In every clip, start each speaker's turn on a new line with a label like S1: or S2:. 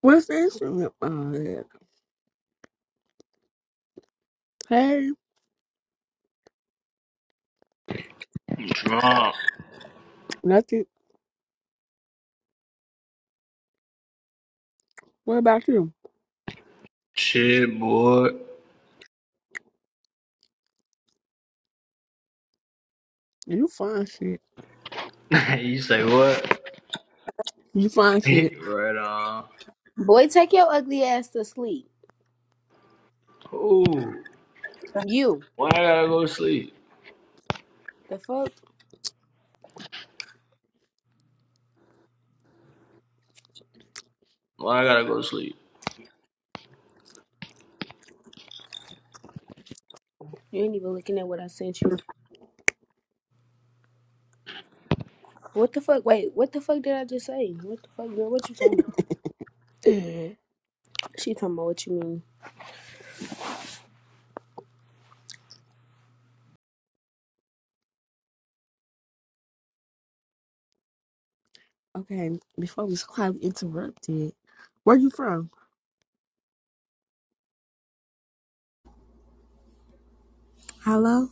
S1: What's the instrument behind it? Hey,
S2: Drunk.
S1: nothing. What about you?
S2: Shit, boy.
S1: You find shit.
S2: you say what?
S1: You find shit.
S2: right on.
S3: Boy, take your ugly ass to sleep.
S2: Ooh.
S3: You.
S2: Why I gotta go to sleep?
S3: The fuck?
S2: Why I gotta go to sleep?
S3: You ain't even looking at what I sent you. What the fuck? Wait, what the fuck did I just say? What the fuck, girl? What you talking about?
S1: Eh.
S3: She talking about what you mean.
S1: okay, before we quite interrupted, where you from? Hello?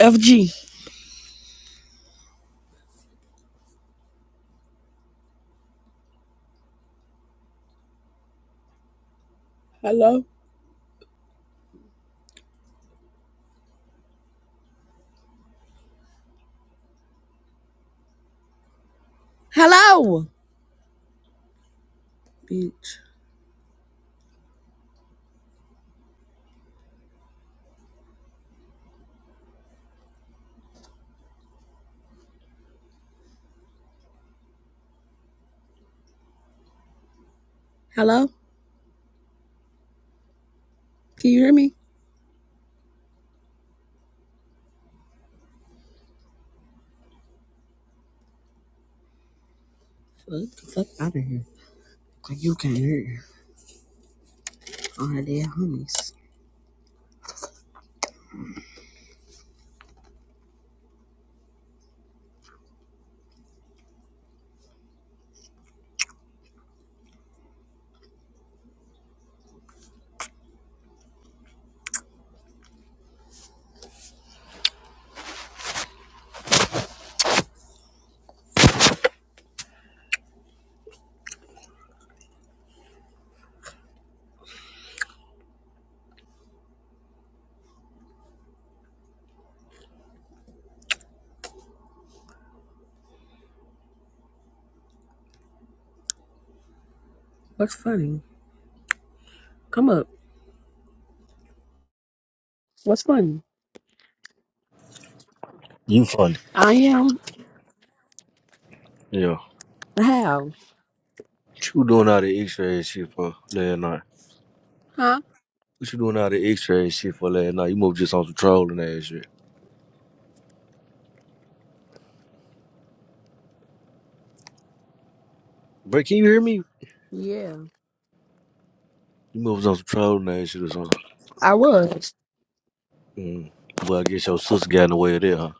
S1: FG. Hello? Hello! Bitch. Hello? Can you hear me? Fuck the fuck out of here. 'Cause you can't hear all that homies. What's funny? Come up. What's funny?
S4: You funny.
S1: I am.
S4: Yeah.
S1: How?
S4: What you doing out of X-ray and shit for last night?
S1: Huh?
S4: What you doing out of X-ray and shit for last night? You must just on some trolling ass shit. Bro, can you hear me?
S1: Yeah,
S4: You must was on some trolling ass shit or something.
S1: I was.
S4: Mm. Well, I guess your sister got in the way of that, huh?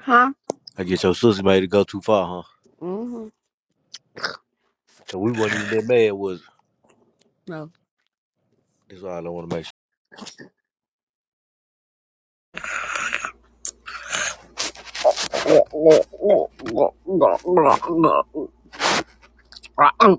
S1: Huh?
S4: I guess your sister made it go too far, huh?
S1: Mm-hmm.
S4: Cause we weren't even that mad, was it?
S1: No.
S4: That's all I want to make sure.
S1: Blah, blah, blah, blah, blah, blah, blah. Ah, um.